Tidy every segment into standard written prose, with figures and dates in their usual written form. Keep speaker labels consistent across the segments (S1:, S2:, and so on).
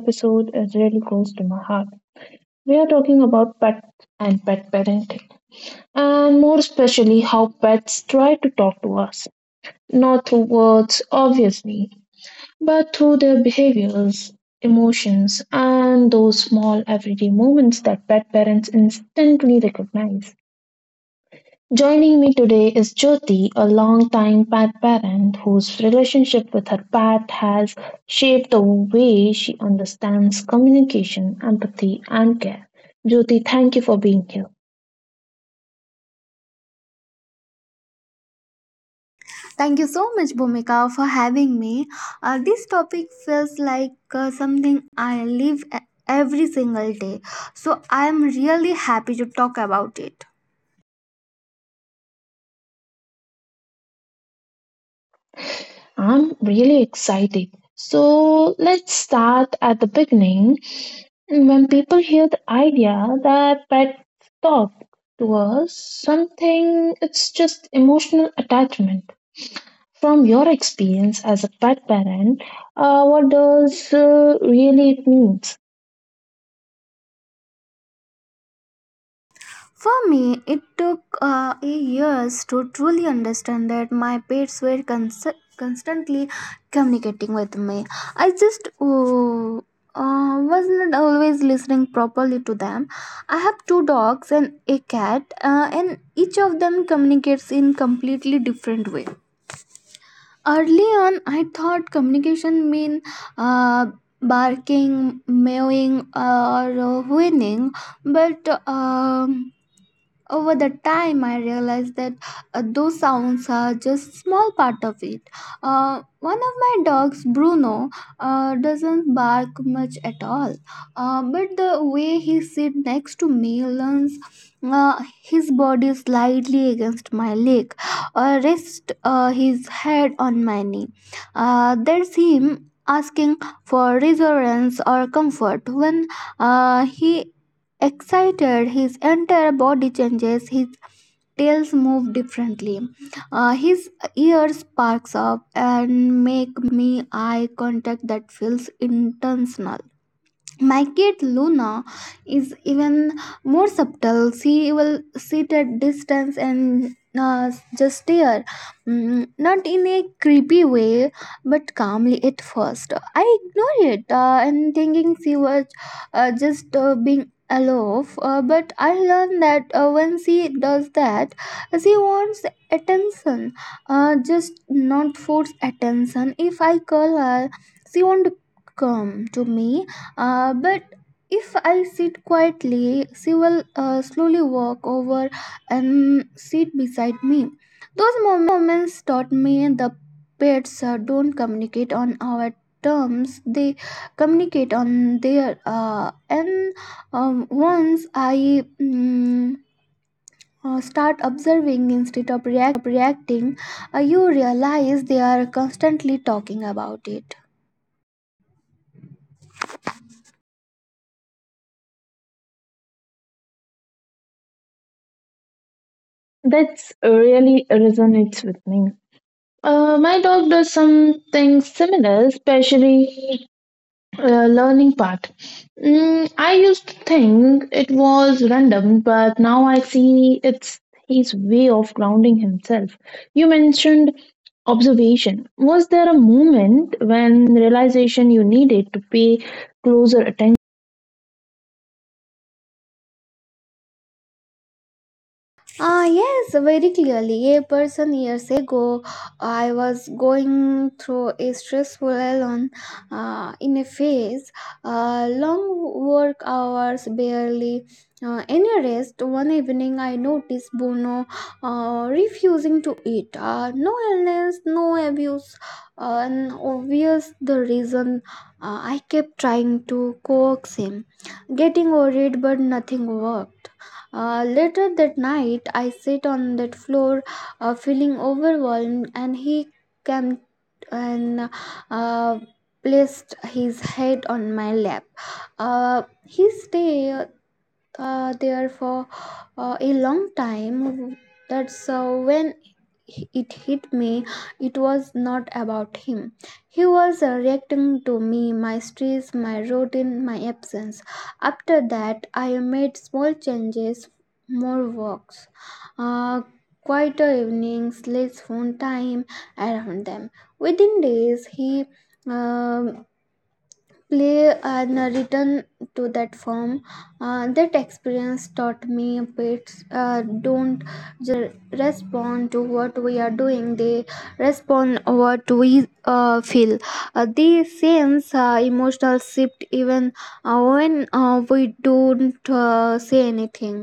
S1: episode is really close to my heart. We are talking about pets and pet parenting, and more especially how pets try to talk to us. Not through words, obviously, but through their behaviors, emotions, and those small everyday moments that pet parents instantly recognize. Joining me today is Jyoti, a long-time pet parent whose relationship with her pet has shaped the way she understands communication, empathy, and care. Jyoti, thank you for being here.
S2: Thank you so much, Bhumika, for having me. This topic feels like something I live every single day, so I am really happy to talk about it.
S1: I'm really excited. So let's start at the beginning. When people hear the idea that pets talk to us, something it's just emotional attachment. From your experience as a pet parent, what does really it means?
S2: For me, it took a years to truly understand that my pets were constantly communicating with me. I just was not always listening properly to them. I have two dogs and a cat, and each of them communicates in completely different way. Early on, I thought communication mean uh, barking, mewing, or whining, but over the time, I realized that those sounds are just small part of it. One of my dogs, Bruno, doesn't bark much at all, but the way he sits next to me leans his body slightly against my leg, or rest his head on my knee. That's him asking for reassurance or comfort when he excited, his entire body changes, his tails move differently. His ears sparks up and make me eye contact that feels intentional. My cat Luna is even more subtle. She will sit at distance and just stare, not in a creepy way, but calmly at first. I ignore it and thinking she was just being aloof. But I learned that when she does that, she wants attention, just not force attention. If I call her, she won't come to me but if I sit quietly, she will slowly walk over and sit beside me. Those moments taught me the pets don't communicate on our terms, they communicate on their. And once I start observing instead of reacting, you realize they are constantly talking about it.
S1: That's really resonates with me. My dog does something similar, especially learning part. I used to think it was random, but now I see it's his way of grounding himself. You mentioned observation. Was there a moment when realization you needed to pay closer attention?
S2: Yes, very clearly. A person years ago, I was going through a stressful alone in a phase, long work hours, barely any rest. One evening, I noticed Bono refusing to eat. No illness, no abuse, and obvious the reason. I kept trying to coax him, getting worried, but nothing worked. Later that night, I sit on that floor, feeling overwhelmed, and he came and uh, placed his head on my lap. He stay there for a long time. That's when it hit me. It was not about him. He was reacting to me, my stress, my routine, my absence. After that, I made small changes, more walks, uh, quieter evenings, less phone time around them. Within days, he um, play and return to that form. That experience taught me pets don't just respond to what we are doing, they respond what we feel. They sense emotional shift even when we don't say anything.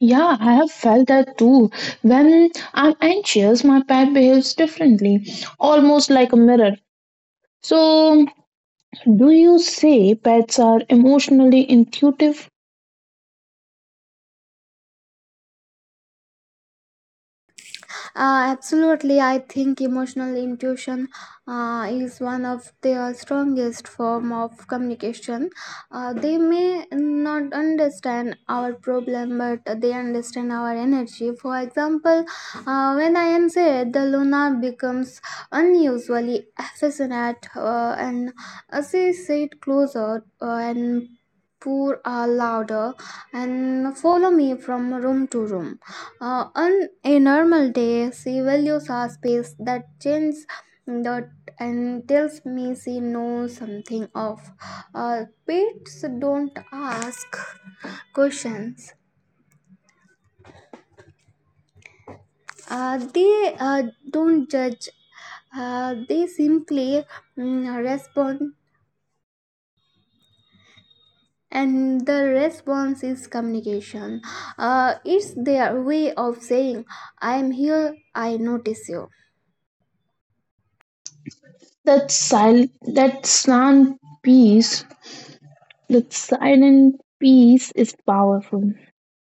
S1: Yeah, I have felt that too. When I'm anxious, my pet behaves differently, almost like a mirror. So, do you say pets are emotionally intuitive?
S2: Absolutely, I think emotional intuition is one of their strongest form of communication. They may not understand our problem, but they understand our energy. For example, when I am sad, the Luna becomes unusually affectionate and she sit closer and pour louder and follow me from room to room. On a normal day, she values her space that changes that and tells me she knows something of. Pets don't ask questions. They don't judge. They simply respond, and the response is communication. It's their way of saying, "I am here. I notice you."
S1: That silent peace, that silent peace is powerful.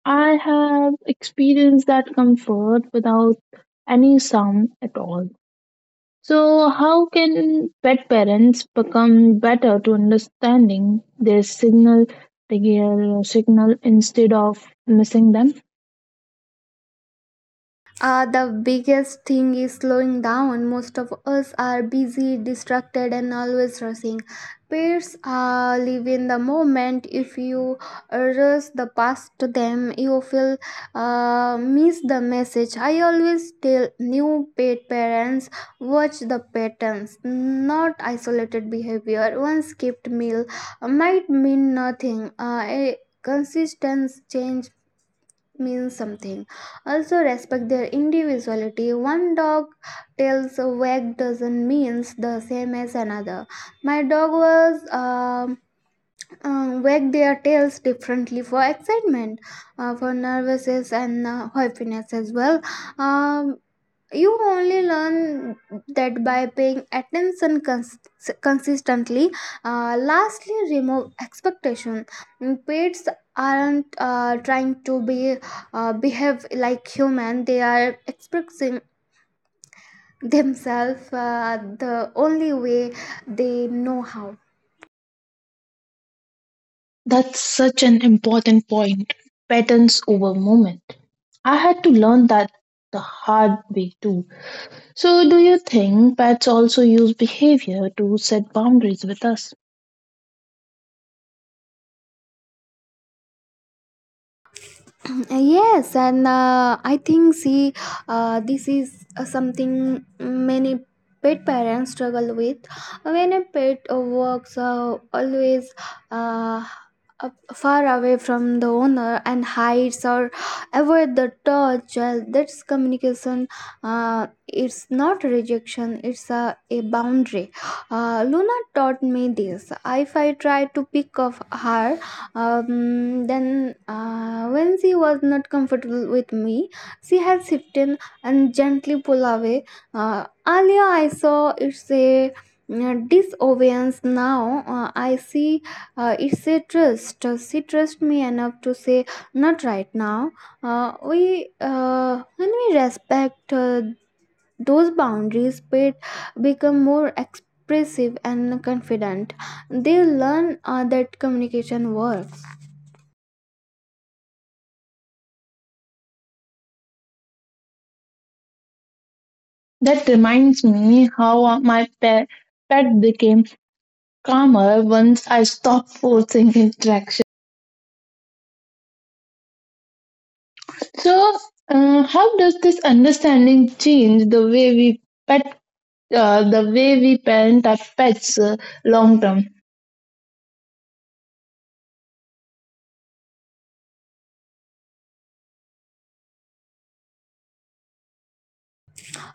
S1: I have experienced that comfort without any sound at all. So, how can pet parents become better to understanding their signal instead of missing them?
S2: The biggest thing is slowing down. Most of us are busy, distracted, and always rushing. Peers live in the moment. If you rush the past to them, you feel miss the message. I always tell new pet parents watch the patterns, not isolated behavior. One skipped meal might mean nothing. A consistent change means something. Also respect their individuality. One dog tails wag doesn't means the same as another. My dog was wag their tails differently for excitement, for nervousness and happiness as well. Um, you only learn that by paying attention consistently. Lastly, remove expectation. Pets aren't trying to be behave like human, they are expressing themselves the only way they know how.
S1: That's such an important point. Patterns over moment. I had to learn that the hard way too. So, do you think pets also use behavior to set boundaries with us?
S2: Yes, and I think, see this is something many pet parents struggle with. When a pet works always uh, uh, far away from the owner and hides or avoid the touch, well, that's communication. It's not rejection, it's a boundary. Luna taught me this. If I try to pick up her when she was not comfortable with me, she had shifted and gently pulled away. Earlier, I saw it's a disobedience. Now, I see it's a trust. She trusts me enough to say, "Not right now." When we respect those boundaries, pet become more expressive and confident. They learn that communication works.
S1: That reminds me how my pet became calmer once I stopped forcing interaction. So, how does this understanding change the way we pet, the way we parent our pets long term?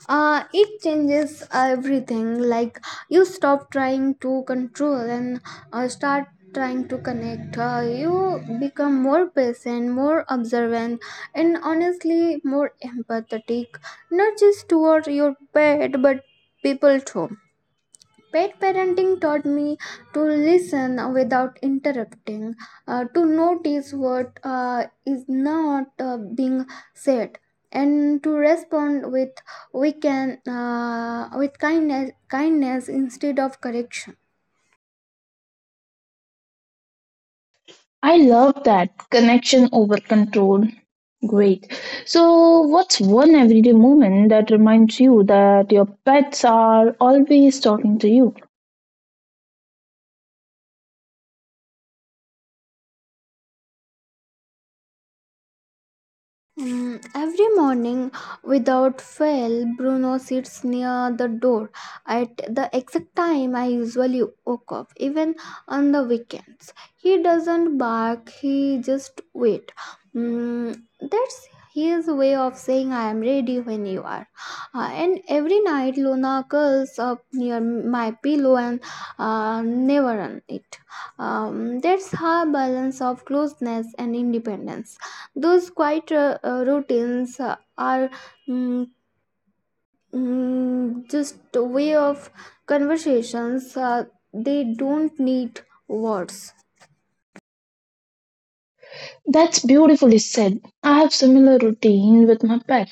S2: It changes everything, like you stop trying to control and start trying to connect. You become more patient, more observant, and honestly more empathetic, not just toward your pet but people too. Pet parenting taught me to listen without interrupting, to notice what is not being said, and to respond with we can with kindness instead of correction.
S1: I love that connection over control. Great. So, what's one everyday moment that reminds you that your pets are always talking to you?
S2: Every morning, without fail, Bruno sits near the door at the exact time I usually woke up, even on the weekends. He doesn't bark, he just wait. That's his way of saying, "I am ready when you are." And every night, Luna curls up near my pillow and never on it. That's her balance of closeness and independence. Those quiet routines are mm, just a way of conversations, they don't need words.
S1: That's beautifully said. I have similar routine with my pet,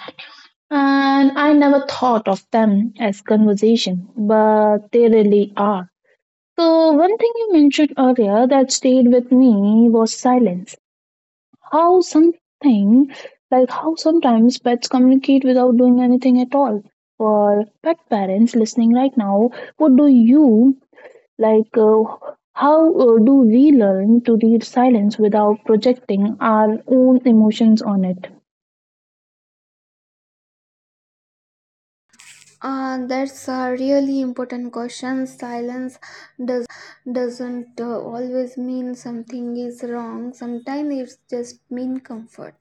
S1: and I never thought of them as conversation, but they really are. So, one thing you mentioned earlier that stayed with me was silence. How something, like how sometimes pets communicate without doing anything at all. For pet parents listening right now, what do you like? How do we learn to read silence without projecting our own emotions on it?
S2: That's a really important question. Silence doesn't always mean something is wrong. Sometimes it's just mean comfort.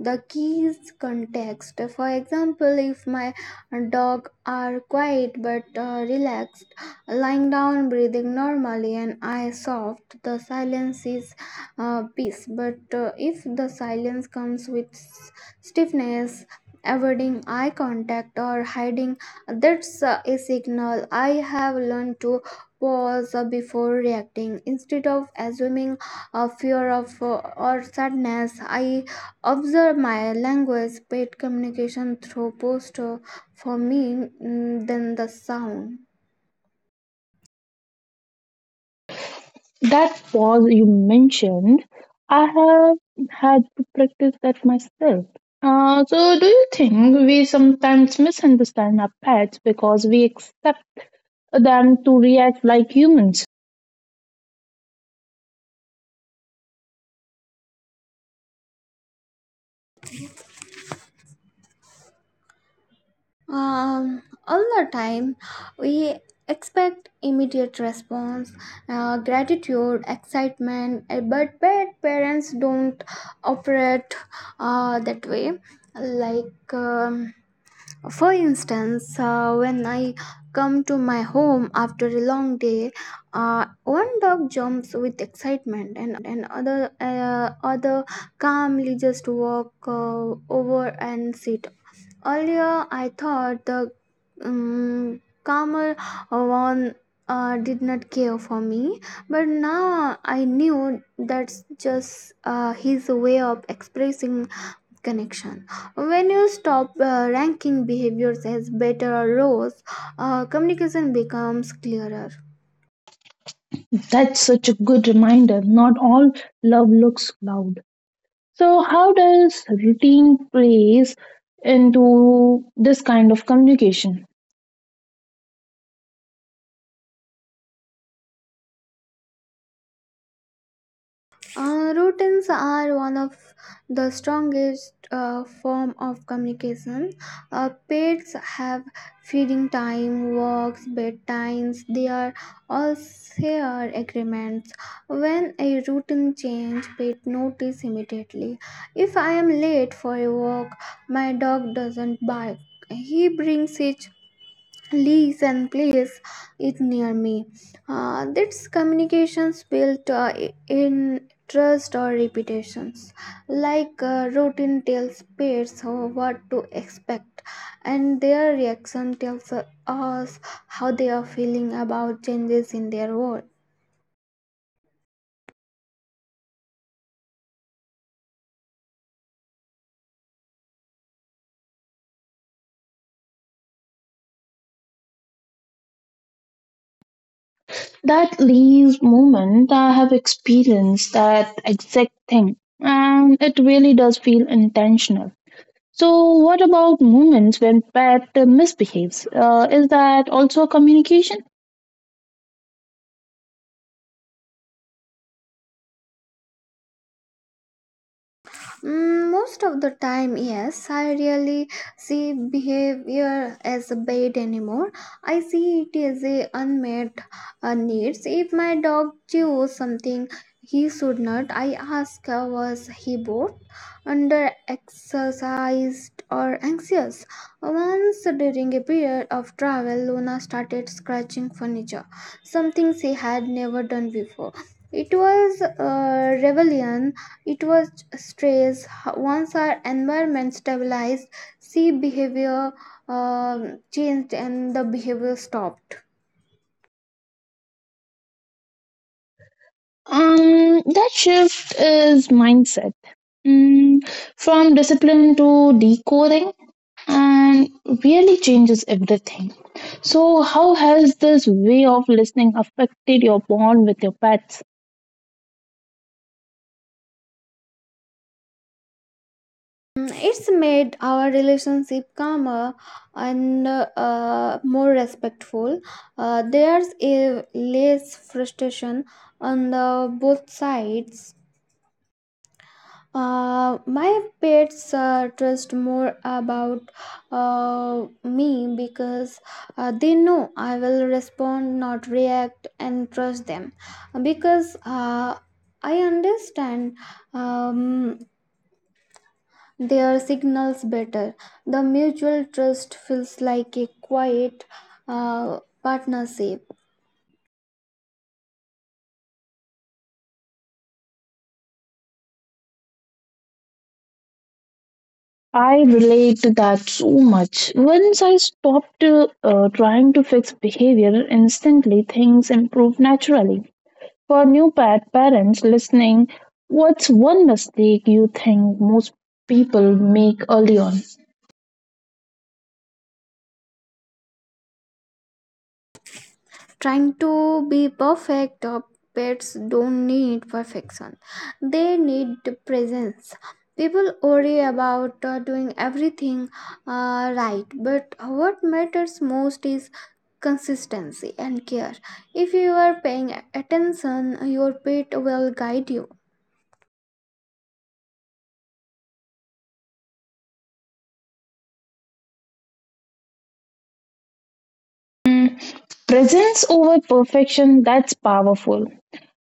S2: The key is context. For example, if my dog are quiet but relaxed, lying down, breathing normally, and I soft, the silence is peace. But if the silence comes with stiffness, avoiding eye contact or hiding, that's a signal. I have learned to pause before reacting. Instead of assuming a fear of or sadness, I observe my language, paid communication through posture for me than the sound.
S1: That pause you mentioned, I have had to practice that myself. So, do you think we sometimes misunderstand our pets because we expect them to react like humans?
S2: All the time, we expect immediate response, gratitude, excitement, but parents don't operate that way. Like, for instance, when I come to my home after a long day, one dog jumps with excitement, and other calmly just walk over and sit. Earlier, I thought the calmer one did not care for me, but now I knew that's just his way of expressing connection. When you stop ranking behaviors as better or worse, communication becomes clearer.
S1: That's such a good reminder. Not all love looks loud. So, how does routine plays into this kind of communication?
S2: Routines are one of the strongest form of communication. Pets have feeding time, walks, bedtimes. They are all shared agreements. When a routine change, pet notice immediately. If I am late for a walk, my dog doesn't bark. He brings his leagues and place it near me. That's communications built in trust or reputations. Like routine tells pairs what to expect, and their reaction tells us how they are feeling about changes in their world.
S1: That leaves moment, I have experienced that exact thing, and it really does feel intentional. So, what about moments when pet misbehaves? Is that also a communication?
S2: Most of the time, yes, I really see behavior as a bait anymore. I see it as a unmet needs. If my dog chews something he should not, I ask, was he bored, under exercised, or anxious? Once during a period of travel, Luna started scratching furniture, something she had never done before. It was a rebellion, it was stress. Once our environment stabilized, sea behavior um changed and the behavior stopped.
S1: That shift is mindset. Mm, from discipline to decoding and really changes everything. So, how has this way of listening affected your bond with your pets?
S2: It's made our relationship calmer and more respectful. There's a less frustration on the both sides. My pets trust more about me because they know I will respond, not react, and trust them because I understand um, their signals better. The mutual trust feels like a quiet partnership
S1: I relate to that so much. Once I stopped trying to fix behavior instantly, things improved naturally. For new pet parents listening, what's one mistake you think most people make early on?
S2: trying to be perfect. Pets don't need perfection, they need presence. People worry about doing everything right, but what matters most is consistency and care. If you are paying attention, your pet will guide you.
S1: Presence over perfection, that's powerful.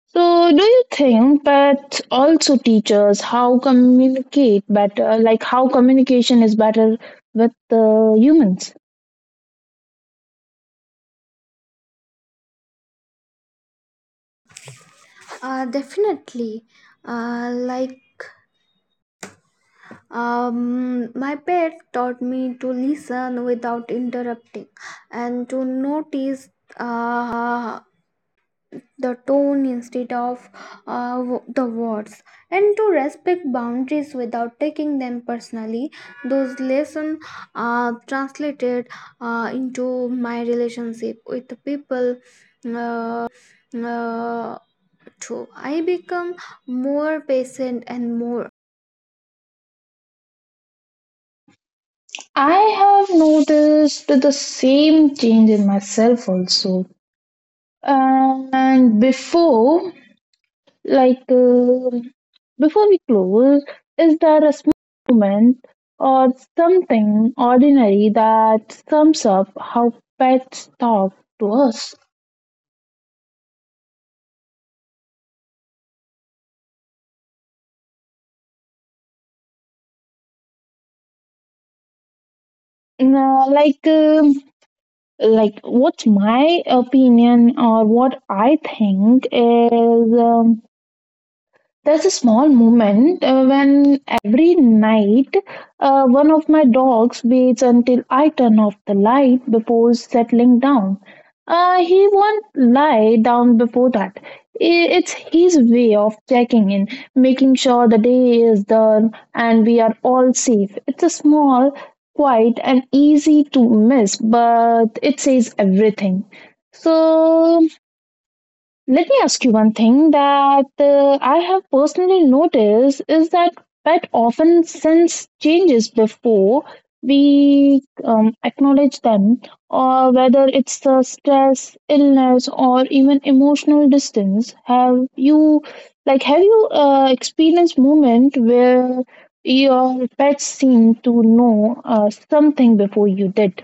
S1: So, do you think that also teaches how communicate better, like how communication is better with humans?
S2: Definitely. Like, my pet taught me to listen without interrupting and to notice uh, the tone instead of the words, and to respect boundaries without taking them personally. Those lessons translated into my relationship with the people. Uh, too. I become more patient and more
S1: I have noticed the same change in myself also. And before, like, uh, before we close, is there a small moment or something ordinary that sums up how pets talk to us? No, like what's my opinion or what I think is. There's a small moment when every night one of my dogs waits until I turn off the light before settling down. He won't lie down before that. It's his way of checking in, making sure the day is done and we are all safe. It's a small, quiet, and easy to miss, but it says everything. So let me ask you one thing that I have personally noticed is that pet often sense changes before we acknowledge them, or whether it's the stress, illness, or even emotional distance. Have you, have you experienced moment where your pets seem to know something before you did?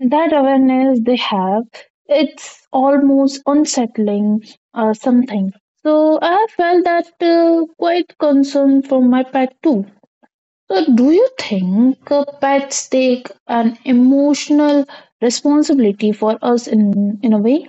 S1: That awareness they have, it's almost unsettling, something. So I have felt that quite concern for my pet too. So do you think pets take an emotional responsibility for us in a way?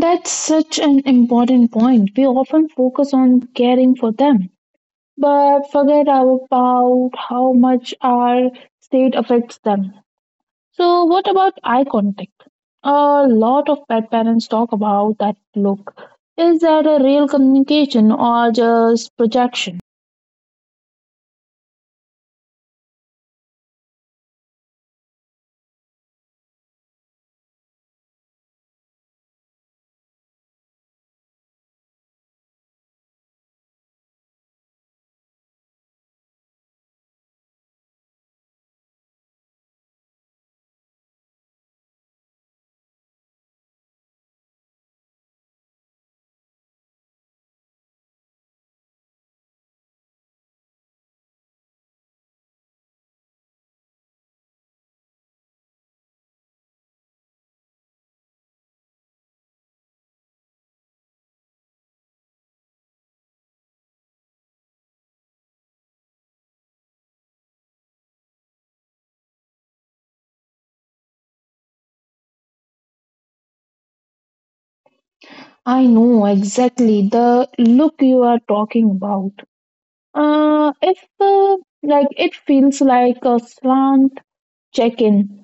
S1: That's such an important point. We often focus on caring for them but forget about how much our state affects them. So, what about eye contact? A lot of pet parents talk about that look. Is that a real communication or just projection? I know exactly the look you are talking about. If like it feels like a slant check-in.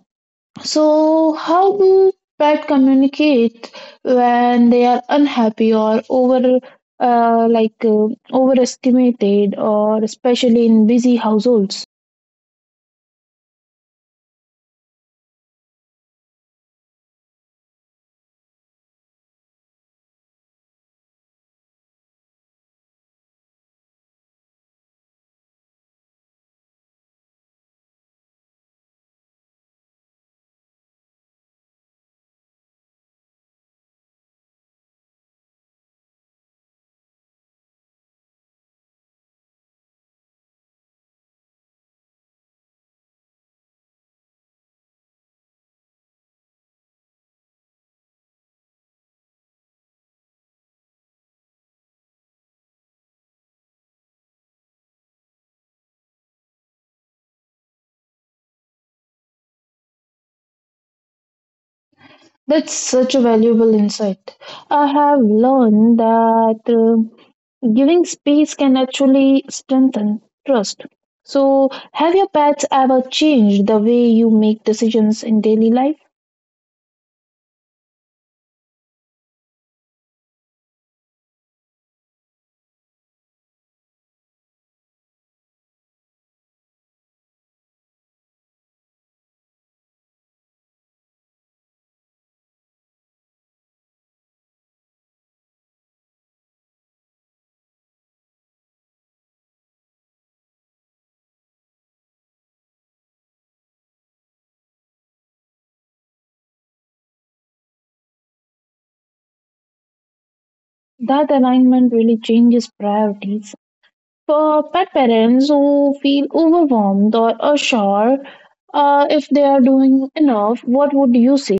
S1: So, how do pets communicate when they are unhappy or overestimated, or especially in busy households? That's such a valuable insight. I have learned that giving space can actually strengthen trust. So, have your pets ever changed the way you make decisions in daily life? That alignment really changes priorities. For pet parents who feel overwhelmed or unsure if they are doing enough, what would you say?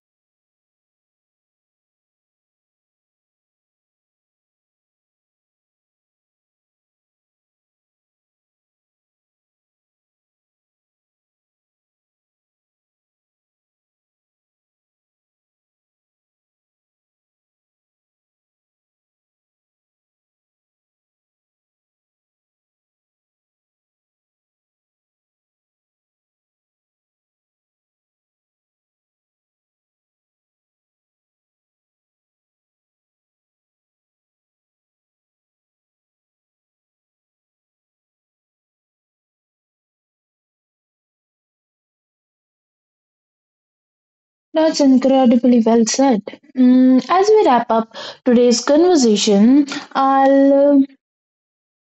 S1: That's incredibly well said. As we wrap up today's conversation, I'll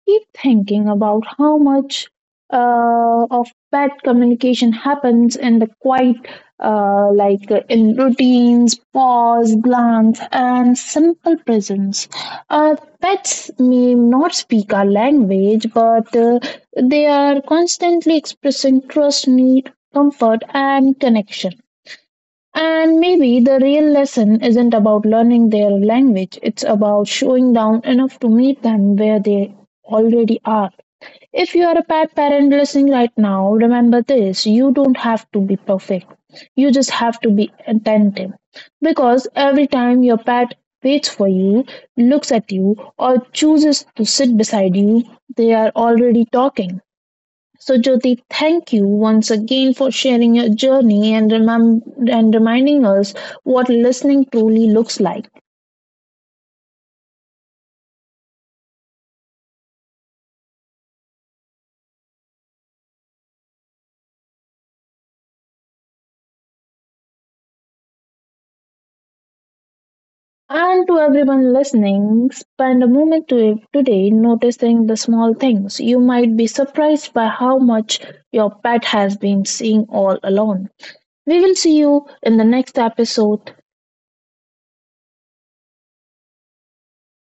S1: keep thinking about how much of bad communication happens in the quiet, in routines, pause, glance, and simple presence. Uh, pets may not speak our language, but they are constantly expressing trust, need, comfort, and connection. And maybe the real lesson isn't about learning their language, it's about showing down enough to meet them where they already are. If you are a pet parent listening right now, remember this: you don't have to be perfect, you just have to be attentive. Because every time your pet waits for you, looks at you, or chooses to sit beside you, they are already talking. So, Jyoti, thank you once again for sharing your journey and, and reminding us what listening truly looks like. And to everyone listening, spend a moment to today noticing the small things. You might be surprised by how much your pet has been seeing all alone. We will see you in the next episode.